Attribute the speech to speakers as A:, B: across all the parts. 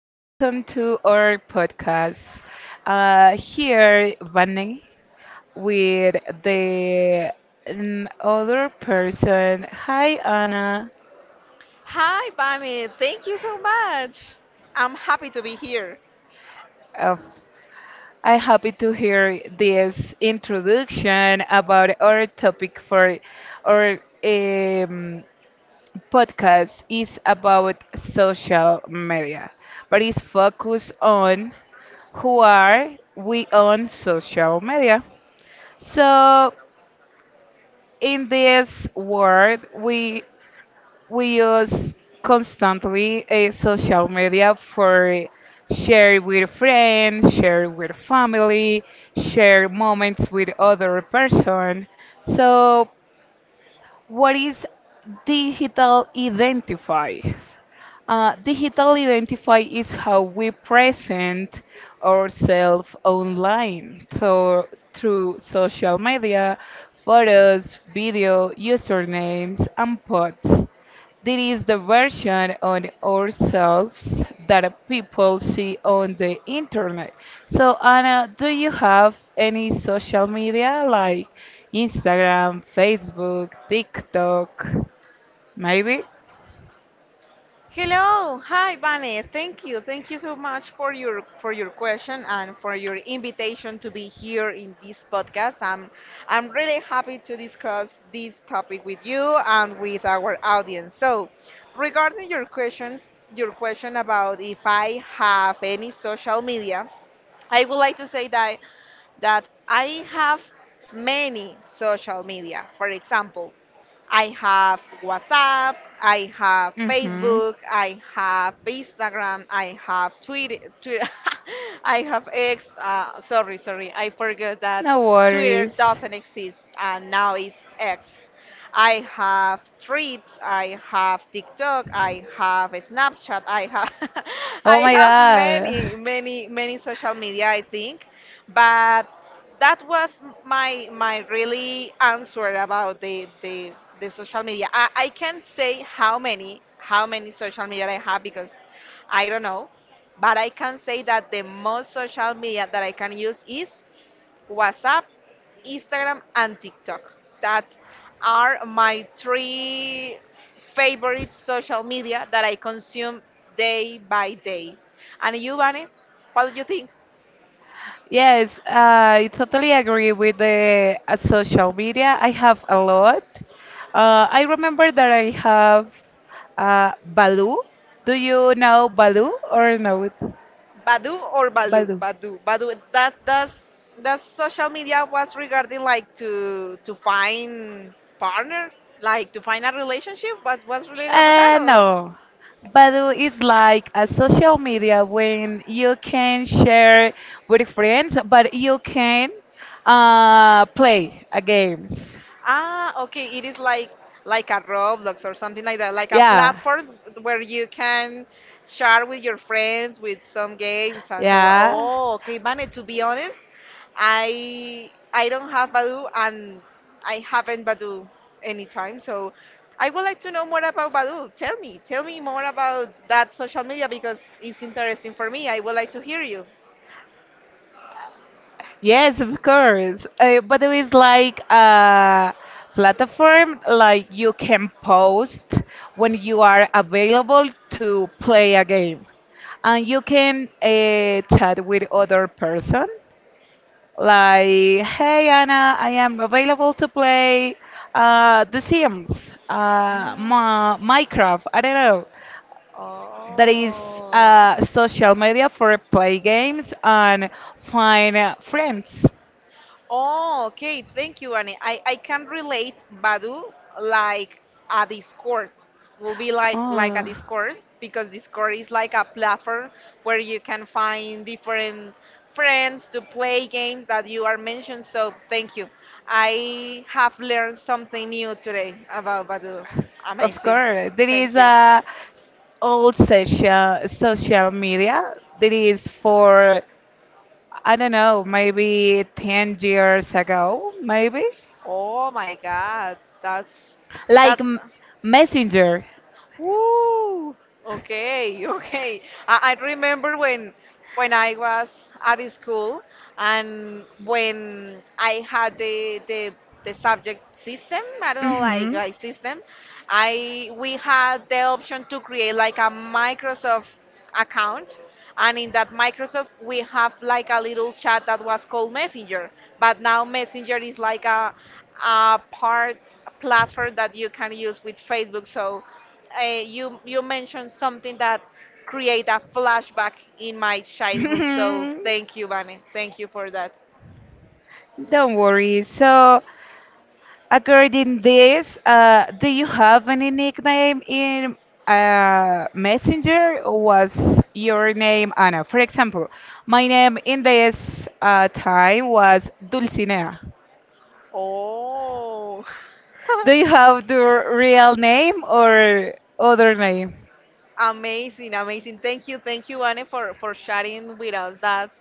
A: Welcome to our podcast. Here, Vanny, with the other person. Hi, Anna.
B: Hi, Bunny. Thank you so much. I'm happy to be here.
A: Uh, I'm happy to hear this introduction about our topic for our podcast is about social media, but it's focused on who are we on social media. So in this world, we use constantly a social media for share with friends, share with family, share moments with other person. So what is digital identify? Digital identify is how we present ourselves online through social media, photos, video, usernames, and posts. This is the version on ourselves that people see on the internet. So, Anna, do you have any social media like Instagram, Facebook, TikTok, maybe?
B: Hello. Hi, Bunny. Thank you. Thank you so much for your question and for your invitation to be here in this podcast. I'm really happy to discuss this topic with you and with our audience. So, regarding your questions, your question about if I have any social media, I would like to say that I have many social media. For example, I have WhatsApp, I have
A: Mm-hmm.
B: Facebook, I have Instagram, I have Twitter, Twitter I have X. Sorry, I forgot that
A: No
B: Twitter
A: worries.
B: doesn't exist and now it's X. I have Threads, I have TikTok, I have Snapchat, I have
A: Oh
B: I
A: my
B: have
A: God.
B: many, many, many social media. I think but that was my really answer about the social media. I can't say how many social media I have because I don't know, but I can say that the most social media that I can use is WhatsApp, Instagram, and TikTok, that are my three favorite social media that I consume day by day. And you, Vane, what do you think?
A: Yes, I totally agree with the social media. I have a lot. I remember that I have Baloo. Do you know Baloo or no?
B: Badu or Balu?
A: Baloo.
B: Badu. Badu. That social media was regarding like to find partner, like to find a relationship. Was related about that or?
A: No. Badoo is like a social media when you can share with friends, but you can play a games.
B: Ah, okay. It is like a Roblox or something like that, like a
A: Yeah,
B: platform where you can share with your friends with some games and so on.
A: yeah.
B: Oh, okay, Vane, to be honest, I don't have Badoo and I haven't Badoo anytime, so I would like to know more about Badoo. Tell me more about that social media because it's interesting for me. I would like to hear you.
A: Yes, of course. But it is like a platform like you can post when you are available to play a game. And you can chat with other person like, hey Anna, I am available to play The Sims, Ma Minecraft, I don't know. That is social media for play games and find friends.
B: Oh, okay. Thank you, Annie. I can relate Badu like a Discord. Will be like a
A: Oh,
B: Discord because Discord is like a platform where you can find different friends to play games that you are mentioned. So thank you. I have learned something new today about Badu.
A: of
B: Amazing.
A: course. There is
B: Thank you.
A: a old social media that is for I don't know, maybe 10 years ago, maybe
B: Oh my God, that's
A: like
B: that's
A: m- Messenger.
B: Woo! Okay, okay. I remember when I was at school and when I had the subject system, I don't know, like
A: Mhm.
B: like system, I we had the option to create like a Microsoft account, and in that Microsoft we have like a little chat that was called Messenger. But now Messenger is like a part a platform that you can use with Facebook. So you mentioned something that create a flashback in my childhood, so thank you, Vane. Thank you for that.
A: Don't worry. So. According this, do you have any nickname in Messenger? Or was your name Anna? For example, my name in this time was Dulcinea.
B: Oh.
A: Do you have the real name or other name?
B: Amazing, amazing. Thank you, Anne, for sharing with us that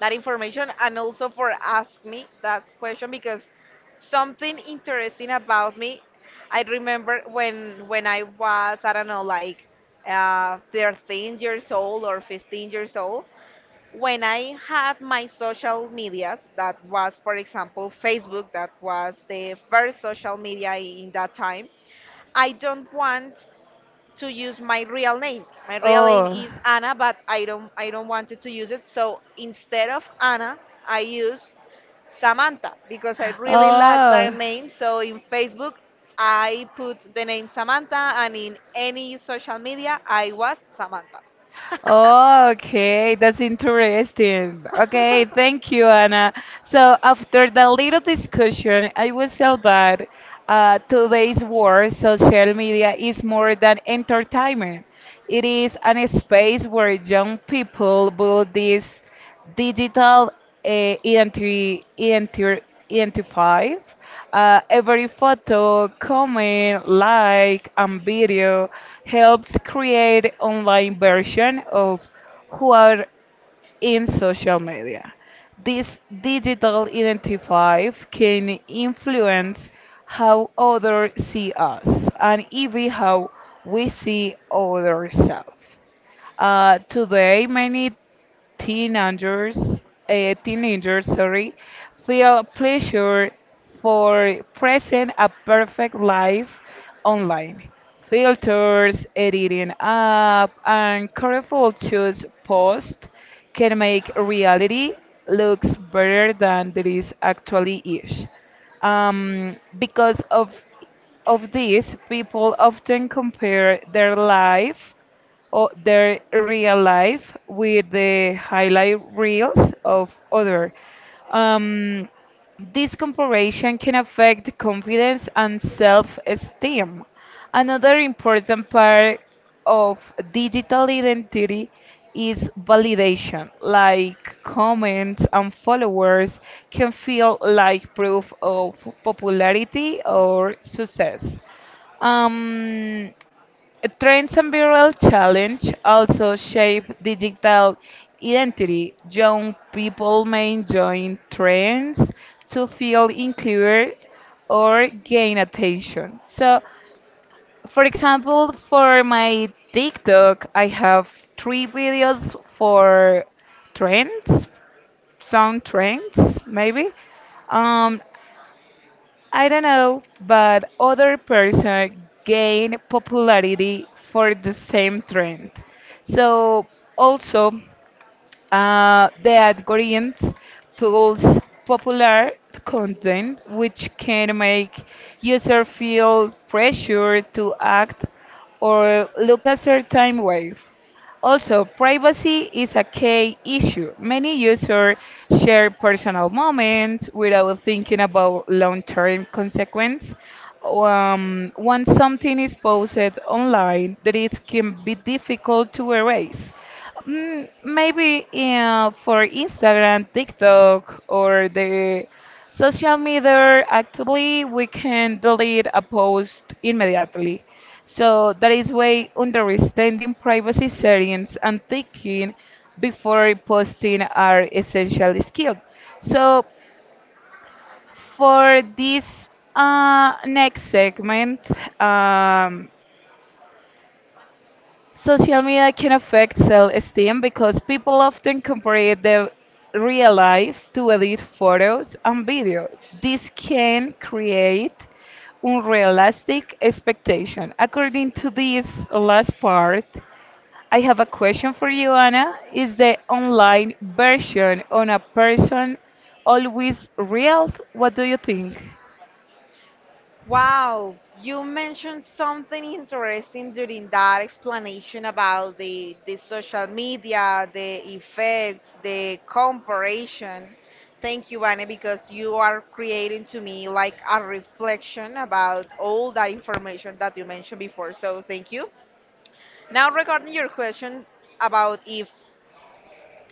B: that information and also for asking me that question, because something interesting about me. I remember when I was I don't know like 13 years old or 15 years old, when I had my social medias, that was, for example, Facebook, that was the first social media in that time. I don't want to use my real name. My real name
A: Oh,
B: is Anna, but I don't wanted to use it. So instead of Anna, I use Samantha because I really like that
A: oh.
B: name. So in Facebook, I put the name Samantha, and in any social media, I was Samantha.
A: Oh, okay, that's interesting. Okay, thank you, Anna. So after the little discussion, I will say that today's world, social media, is more than entertainment. It is an space where young people build this digital uh, identi- identi- identify. Every photo, comment, like, and video helps create online version of who are in social media. This digital identifier can influence how others see us and even how we see ourselves. Today, many teenagers, teenagers, sorry, feel pressure for present a perfect life online. Filters, editing up, and careful choose post can make reality looks better than there is actually is. Because of this, people often compare their their real life with the highlight reels of other. Um, this comparison can affect confidence and self-esteem. Another important part of digital identity is validation, like comments and followers can feel like proof of popularity or success. Um, Trends and viral challenge also shape digital identity. Young people may join trends to feel included or gain attention. So, for example, for my TikTok, I have three videos for trends, some trends maybe. Um, I don't know, but other person gain popularity for the same trend. So also the algorithms pulls popular content which can make user feel pressure to act or look a certain way. Also, privacy is a key issue. Many users share personal moments without thinking about long-term consequences. Once something is posted online, that it can be difficult to erase. Mm, maybe for Instagram, TikTok, or the social media actively, we can delete a post immediately. So that is why understanding privacy settings and thinking before posting are essential skills. So for this next segment, um, social media can affect self-esteem because people often compare their real lives to edit photos and videos. This can create unrealistic expectation. According to this last part, I have a question for you, Anna. Is the online version on a person always real? What do you think?
B: Wow, you mentioned something interesting during that explanation about the social media, the effects, the comparison. Thank you, Vane, because you are creating to me like a reflection about all that information that you mentioned before. So thank you. Now regarding your question about if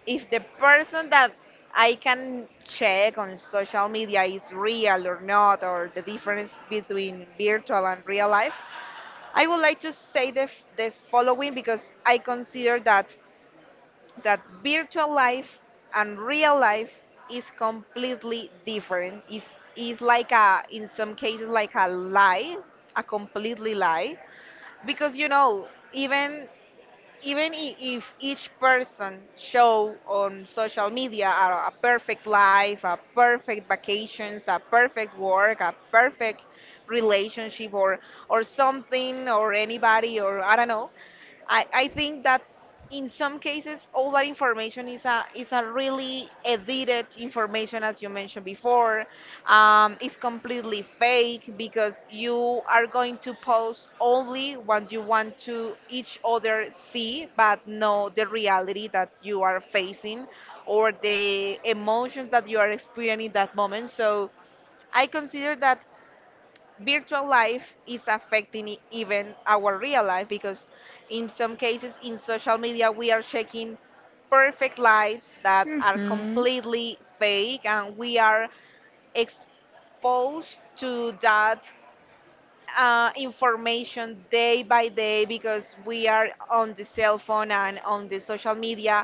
B: if the person that I can check on social media is real or not, or the difference between virtual and real life, I would like to say the, the following, because I consider that virtual life and real life is completely different. Is like a in some cases like a lie, a completely lie, because you know even even if each person show on social media a perfect life, a perfect vacations, a perfect work, a perfect relationship or something or anybody or I don't know, I think that in some cases all that information is a really edited information as you mentioned before. It's completely fake because you are going to post only what you want to each other see, but no the reality that you are facing or the emotions that you are experiencing in that moment. So I consider that virtual life is affecting even our real life, because in some cases in social media we are checking perfect lives that are
A: Hmm.
B: completely fake, and we are exposed to that information day by day because we are on the cell phone and on the social media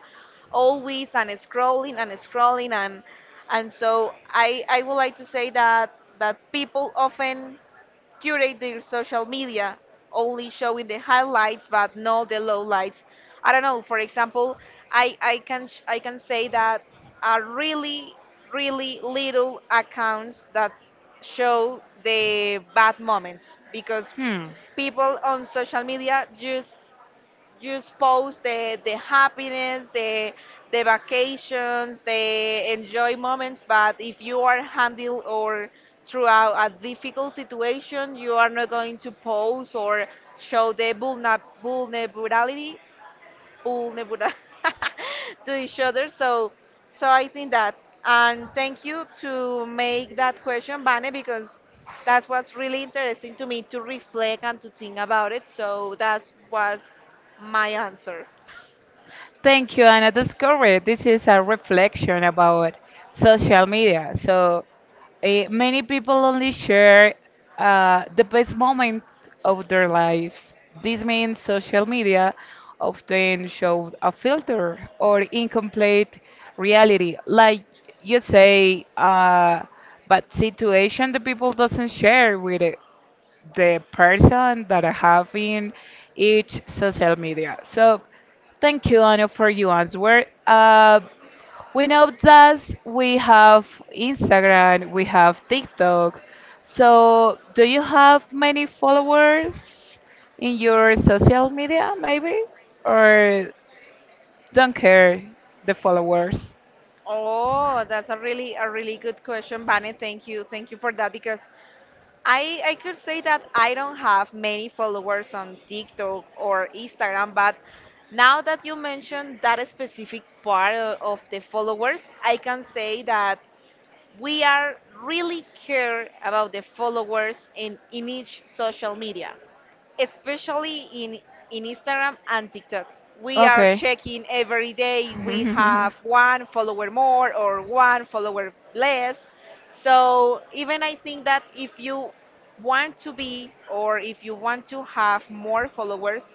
B: always and scrolling and scrolling and so I would like to say that that people often curate their social media, only showing the highlights but not the lowlights. I don't know. For example, I I can say that are really really little accounts that show the bad moments because
A: Hmm.
B: people on social media just post the happiness, the vacations, the enjoy moments. But if you are handle or throughout a difficult situation, you are not going to post or show the vulnerability pull Nebula to each other. So, so I think that. And thank you to make that question, Vane, because that's what's really interesting to me to reflect and to think about it. So that was my answer.
A: Thank you, Anna. That's correct. This is a reflection about social media. So eh, many people only share the best moments of their lives. This means social media often shows a filter or incomplete reality. Like you say, but situation the people doesn't share with it the person that I have in each social media. So thank you, Anu, for your answer. We know that we have Instagram, we have TikTok. So do you have many followers in your social media, maybe? Or don't care the followers?
B: Oh, that's a really good question, Vane. Thank you for that because I could say that I don't have many followers on TikTok or Instagram, but now that you mentioned that specific part of the followers, I can say that we are really care about the followers in each social media, especially in Instagram and TikTok. We are
A: Okay.
B: checking every day. We have one follower more or one follower less. So even I think that if you want to be or if you want to have more followers,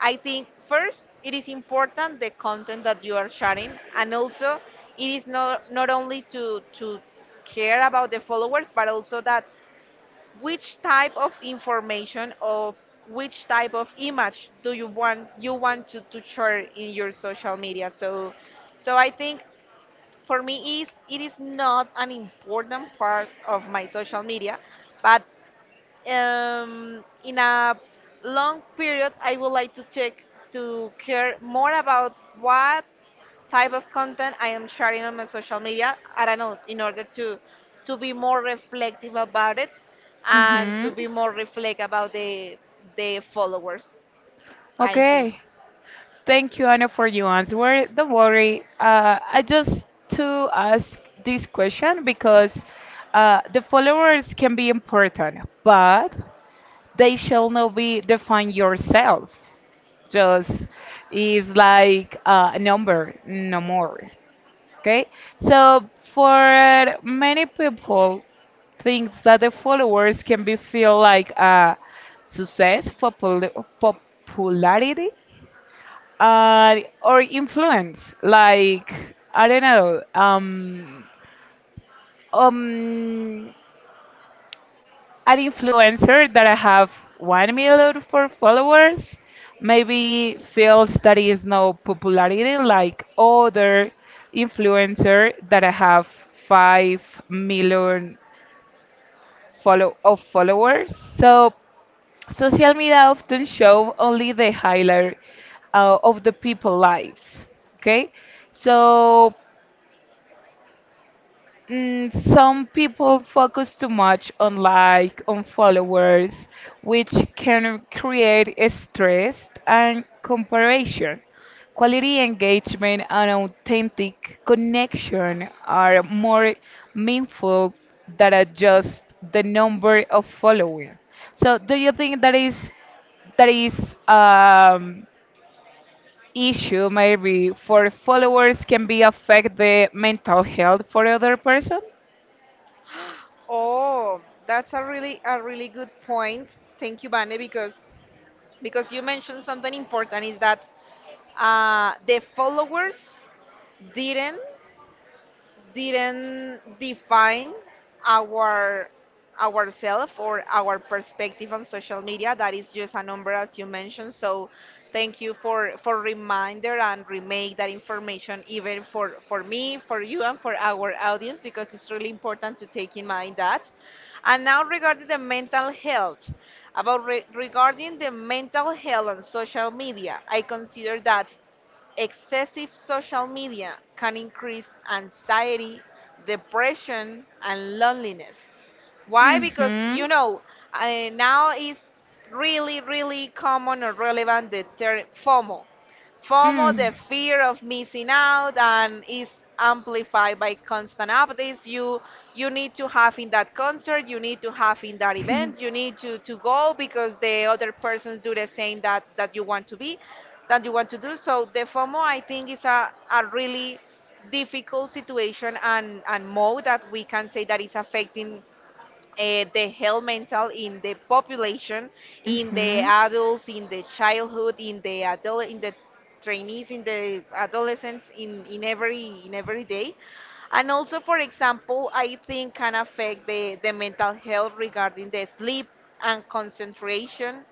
B: I think first it is important the content that you are sharing, and also it is not not only to care about the followers but also that which type of information of which type of image do you want to share in your social media. So so I think for me is it is not an important part of my social media. But in a long period, I would like to take to care more about what type of content I am sharing on my social media. I don't know, in order to be more reflective about it and to
A: hmm.
B: be more reflect about the followers. I think.
A: Okay. Thank you, Anna, for your answer. Don't worry. I just to ask this question because the followers can be important, but they shall not be define yourself. Just is like a number, no more. Okay. So for many people, thinks that the followers can be feel like a success for popularity or influence like I don't know um an influencer that I have 1 million for followers maybe feels that is no popularity like other influencer that I have 5 million follow of followers so social media often show only the highlight of the people lives. Okay. So mm, some people focus too much on like on followers, which can create a stress and comparison. Quality engagement and authentic connection are more meaningful than are just the number of followers. So, do you think that is issue maybe for followers can be affect the mental health for other person?
B: Oh, that's a really good point. Thank you, Vane, because you mentioned something important is that the followers didn't didn't define our ourself or our perspective on social media, that is just a number as you mentioned. So thank you for reminder and remake that information even for me, for you, and for our audience, because it's really important to take in mind that. And now regarding the mental health about regarding the mental health on social media, I consider that excessive social media can increase anxiety, depression, and loneliness. Why? Because you
A: Mhm.
B: know, now is really, really common or relevant the term FOMO. FOMO,
A: Mm.
B: the fear of missing out, and is amplified by constant updates. You need to have in that concert, you need to have in that event, you need to go because the other persons do the same that that you want to be that you want to do. So the FOMO, I think, is a really difficult situation and mode that we can say that is affecting the health mental in the population, in the
A: Mm-hmm.
B: adults, in the childhood, in the adult, in the trainees, in the adolescents, in every day. And also, for example, I think can affect the mental health regarding the sleep and concentration,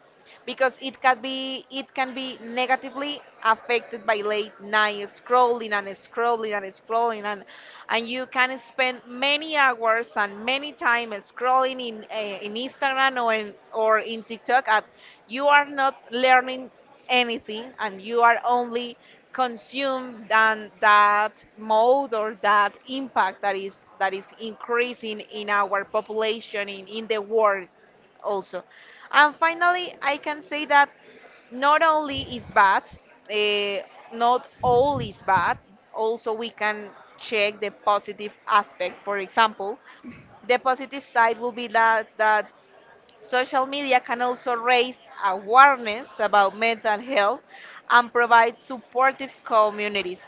B: because it can be negatively affected by late night scrolling and scrolling and scrolling and you can spend many hours and many time scrolling in Instagram or in TikTok, and you are not learning anything, and you are only consumed than that mode or that impact that is increasing in our population in the world also. And finally I can say that not only is bad, uh, not all is bad. Also, we can check the positive aspect. For example, the positive side will be that that social media can also raise awareness about mental health and provide supportive communities.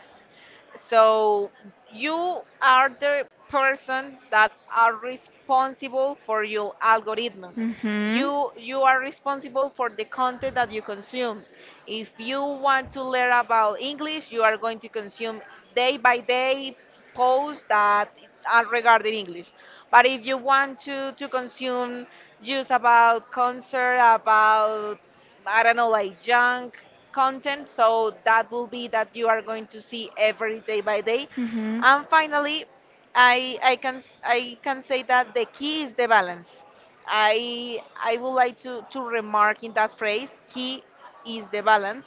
B: So you are the person that are responsible for your algorithm.
A: Mm-hmm.
B: You are responsible for the content that you consume. If you want to learn about English, you are going to consume day by day posts that are regarding English. But if you want to consume news about concert, about I don't know, like junk content. So that will be that you are going to see every day by day.
A: Mm-hmm.
B: And finally, I can say that the key is the balance. I would like to remark in that phrase, key is the balance,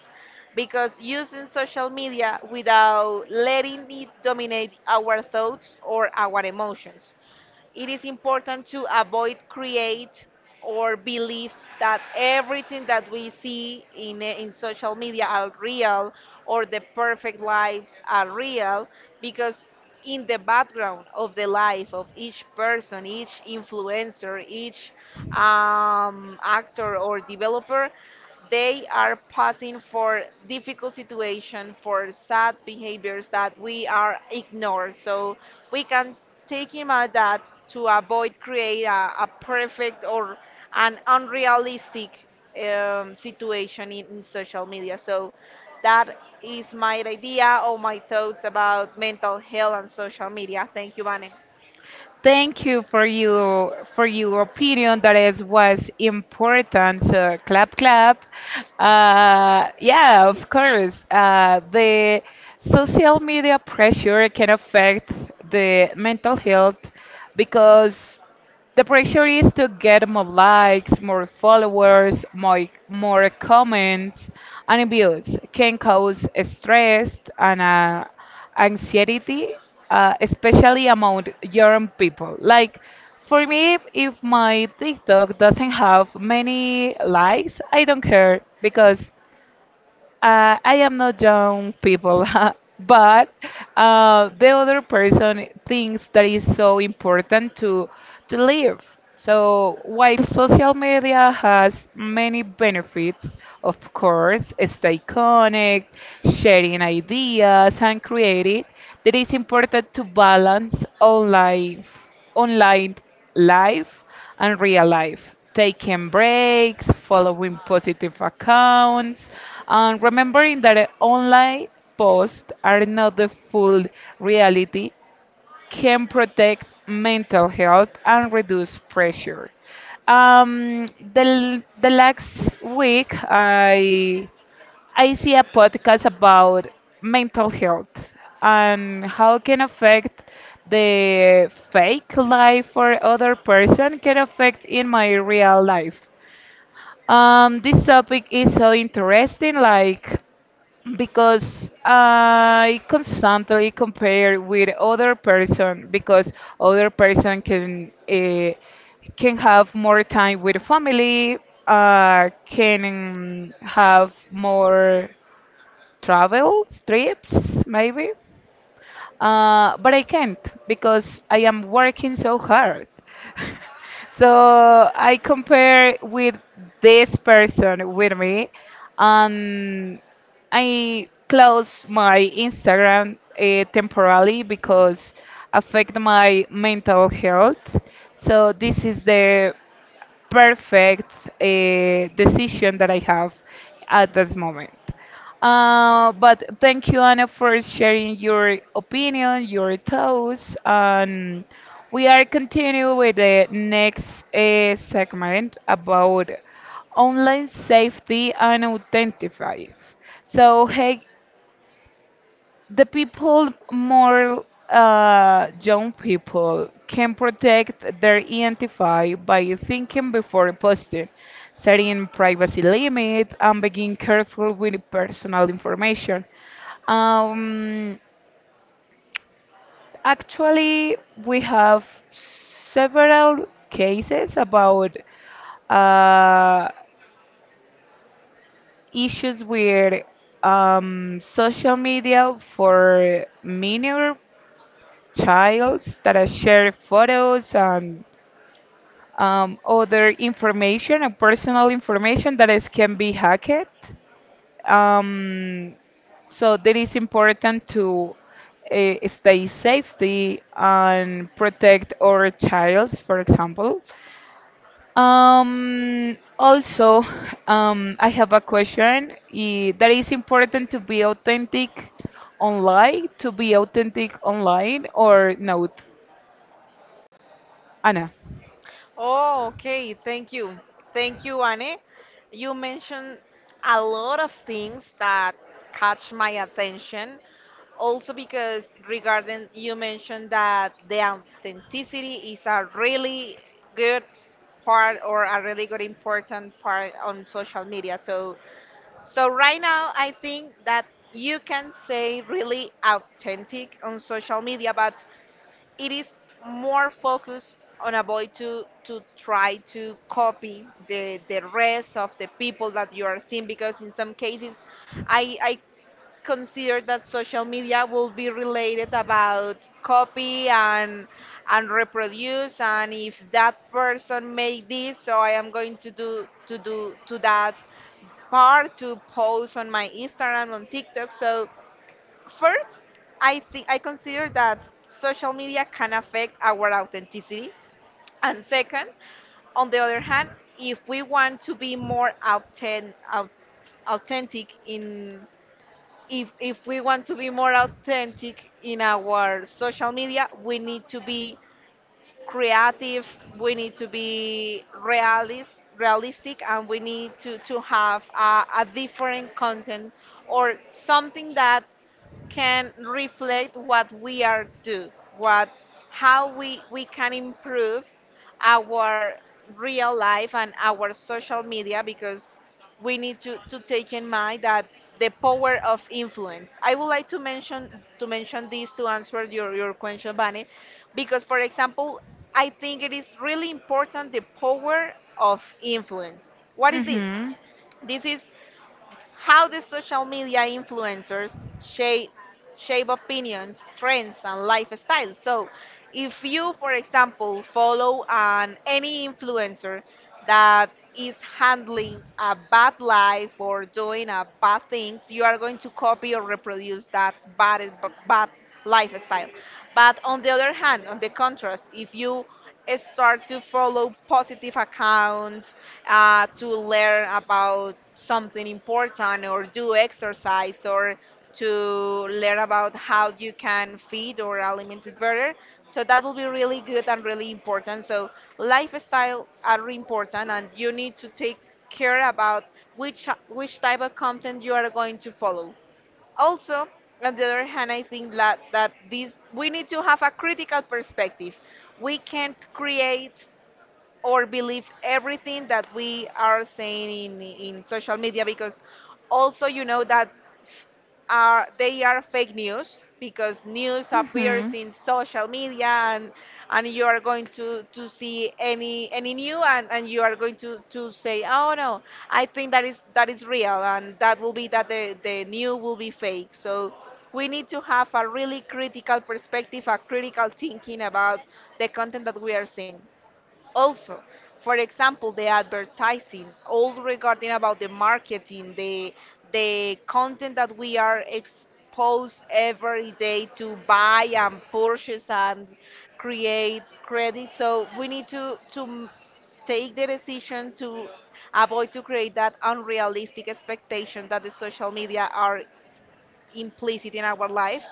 B: because using social media without letting it dominate our thoughts or our emotions it is important to avoid create or believe that everything that we see in social media are real or the perfect lives are real because in the background of the life of each person, each influencer, each actor or developer, they are passing for difficult situation, for sad behaviors that we are ignored. So we can taking my dad to avoid create a perfect or an unrealistic situation in social media. So that is my idea or my thoughts about mental health and social media. Thank you, Vane.
A: Thank you for you for your opinion. That is was important. So clap clap. Yeah, of course. The social media pressure can affect the mental health because the pressure is to get more likes, more followers, more comments, and views can cause stress and anxiety, especially among young people. Like for me, if my TikTok doesn't have many likes, I don't care because I am not young people, but the other person thinks that is so important to live. So while social media has many benefits, of course, stay connect, sharing ideas and creating, that is important to balance online life and real life, taking breaks, following positive accounts, and remembering that online posts are not the full reality can protect mental health and reduce pressure. Um, the last week, I see a podcast about mental health and how it can affect the fake life for other person can affect in my real life. This topic is so interesting. Like because I constantly compare with other person because other person can have more time with family, can have more travel trips maybe but I can't because I am working so hard. so I compare with this person with me, and I close my Instagram temporarily because affect my mental health. So this is the perfect decision that I have at this moment. But thank you, Anna, for sharing your opinion, your thoughts, and we are continuing with the next segment about online safety and authenticity. So, hey, the people more young people can protect their identity by thinking before posting, setting privacy limits, and being careful with personal information. um, Actually we have several cases about uh, issues with social media for minor childs that I share photos and other information and personal information that is, can be hacked. Um, so that is important to stay safety and protect our childs, for example. Also, I have a question that is important to be authentic online, to be authentic online or not? Anna.
B: Oh, okay. Thank you. Thank you, Anne. You mentioned a lot of things that catch my attention. Also because regarding you mentioned that the authenticity is a really good part or a really good important part on social media. So right now I think that you can say really authentic on social media, but it is more focused on a boy to try to copy the rest of the people that you are seeing because in some cases I consider that social media will be related about copy and reproduce and if that person made this so I am going to do to that part to post on my instagram on tiktok so first, I think I consider that social media can affect our authenticity. And second, on the other hand, if we want to be more authentic in if we want to be more authentic in our social media, we need to be creative, we need to be realist, realistic, and we need to have a different content or something that can reflect what we are do, what how we can improve our real life and our social media because we need to take in mind that the power of influence. I would like to mention this to answer your question, Bunny, because for example, I think it is really important the power of influence. What is this?
A: Mm-hmm.
B: This is how the social media influencers shape shape opinions, trends, and lifestyle? So, if you, for example, follow an any influencer that is handling a bad life or doing a bad things, you are going to copy or reproduce that bad lifestyle. But on the other hand, on the contrast, if you start to follow positive accounts to learn about something important or do exercise or to learn about how you can feed or aliment it better so that will be really good and really important so lifestyle are really important and you need to take care about which type of content you are going to follow also on the other hand I think that this we need to have a critical perspective we can't create or believe everything that we are saying in social media because also you know that f- are they are fake news because news appears
A: Mhm.
B: in social media and you are going to see any new and you are going to say oh no I think that is real and that will be that the new will be fake so we need to have a really critical perspective a critical thinking about the content that we are seeing also for example the advertising all regarding about the marketing the content that we are exposed every day to buy and purchase and create credit so we need take the decision to avoid to create that unrealistic expectation that the social media are implicit in our life.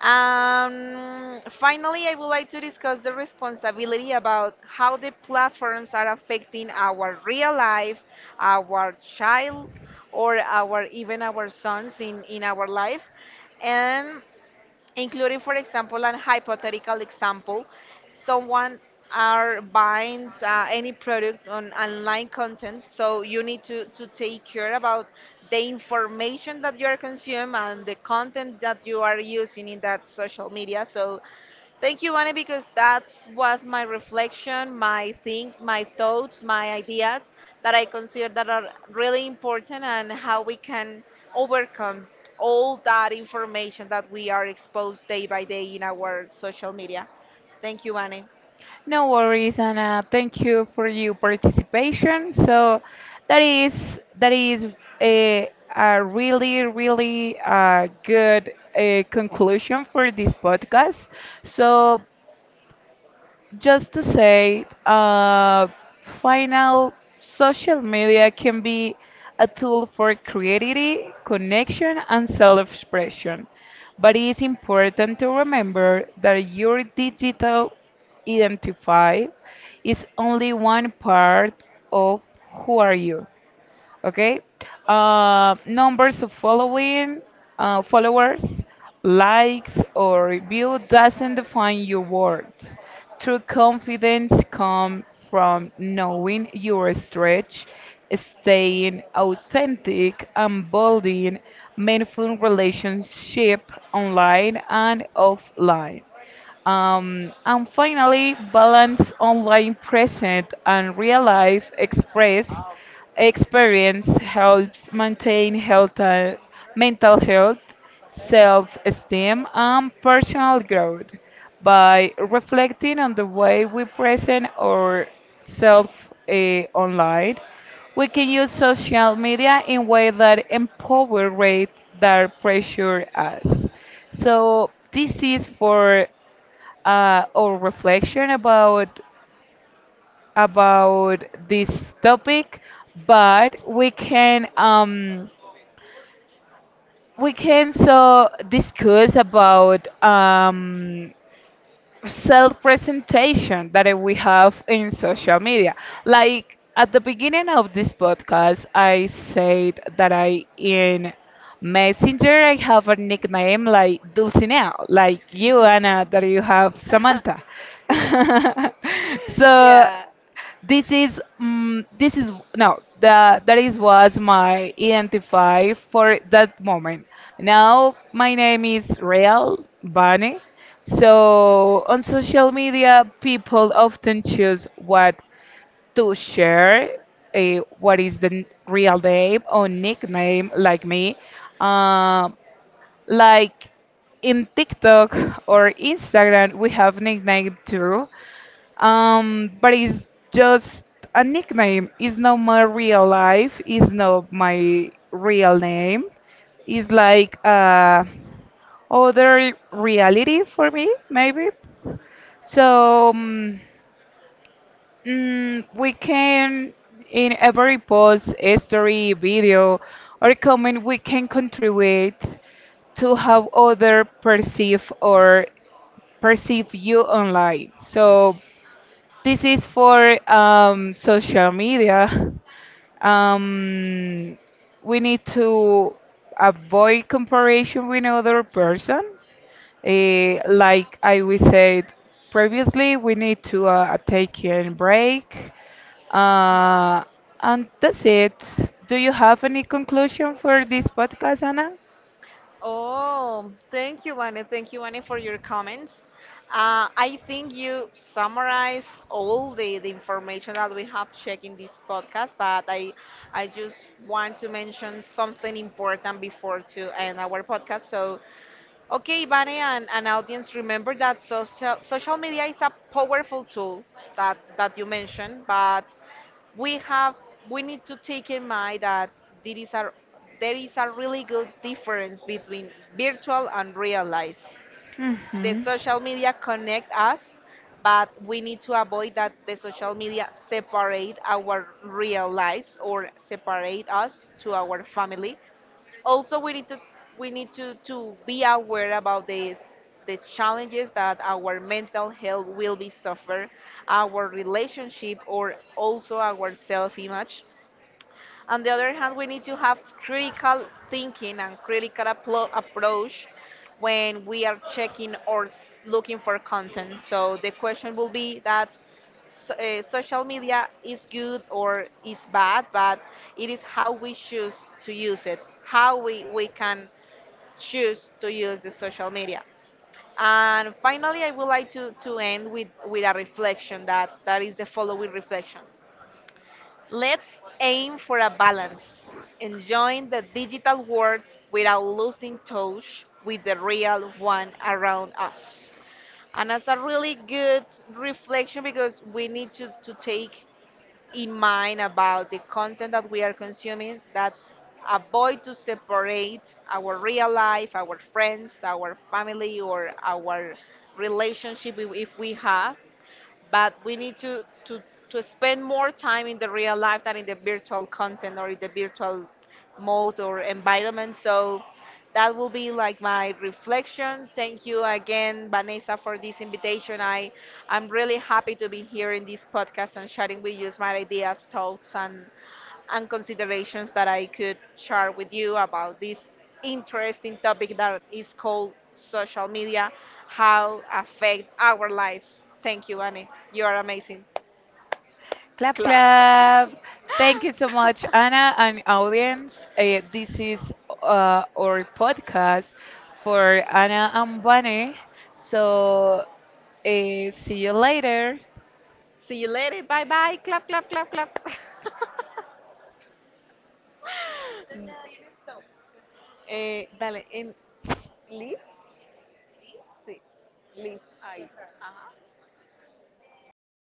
B: Finally, I would like to discuss the responsibility about how the platforms are affecting our real life, our child, or our even our sons in our life. And including, for example, an hypothetical example, someone are buying any product on online content, so you need to take care about the information that you are consuming and the content that you are using in that social media. So thank you, Annie, because that was my reflection, my things, my thoughts, my ideas that I consider that are really important and how we can overcome all that information that we are exposed day by day in our social media. Thank you, Annie.
A: No worries, Anna. Thank you for your participation. So that is a, a really really good conclusion for this podcast. So just to say, final social media can be a tool for creativity, connection, and self expression. But it is important to remember that your digital identity is only one part of who are you. Okay. Numbers of following, followers, likes, or review doesn't define your worth. True confidence comes from knowing your stretch, staying authentic, and building meaningful relationship online and offline. And finally, balance online present and real life express experience helps maintain health, mental health, self esteem, and personal growth by reflecting on the way we present ourselves online. We can use social media in ways that empower rate that pressure us. So this is for or reflection about this topic, but we can so discuss about self-presentation that we have in social media. Like at the beginning of this podcast, I said that I in Messenger I have a nickname like Dulcinea, like you Anna that you have Samantha. so
B: Yeah.
A: this is this is no the that is was my identify for that moment. Now my name is Real Bunny. So on social media, people often choose what to share, what is the real name or nickname like me, um, like in TikTok or Instagram, we have nickname too. But it's just a nickname. It's not my real life. It's not my real name. It's like other reality for me, maybe. So we can, in every post, story, video, or comment, we can contribute to how other perceive or perceive you online. So this is for social media. Um, we need to avoid comparison with another person. Like I we said previously, we need to take a break. Uh, and that's it. Do you have any conclusion for this podcast, Anna?
B: Oh, thank you, Vane. Thank you, Vane, for your comments. I think you summarize all the information that we have checked in this podcast, but I just want to mention something important before to end our podcast. So, okay, Vane and audience, remember that social media is a powerful tool that you mentioned, but we have we need to take in mind that there is a there is a really good difference between virtual and real lives. The
A: Hmm.
B: social media connect us, but we need to avoid that the social media separate our real lives or separate us to our family also we need to we need to be aware about this the challenges that our mental health will be suffer our relationship or also our self image on the other hand, we need to have critical thinking and critical approach when we are checking or looking for content. So the question will be that so, social media is good or is bad, but it is how we choose to use it, how we can choose to use the social media. And finally, I would like to end with a reflection that is the following reflection. Let's aim for a balance, enjoying the digital world without losing touch with the real one around us. And that's a really good reflection because we need to take in mind about the content that we are consuming that avoid to separate our real life, our friends, our family, or our relationship if we have but we need to spend more time in the real life than in the virtual content or in the virtual mode or environment. So that will be like my reflection. Thank you again, Vanessa, for this invitation. I'm really happy to be here in this podcast and sharing with you my ideas, and considerations that I could share with you about this interesting topic that is called social media, how affect our lives. Thank you, Annie. You are amazing.
A: Clap,
B: Clap.
A: clap. Thank you so much, Anna and audience. This is our podcast for Anna and Bunny. So, see you later.
B: See you later. Bye bye. Clap, clap, clap, clap. Eh, dale, en live sí, live ahí. Ajá.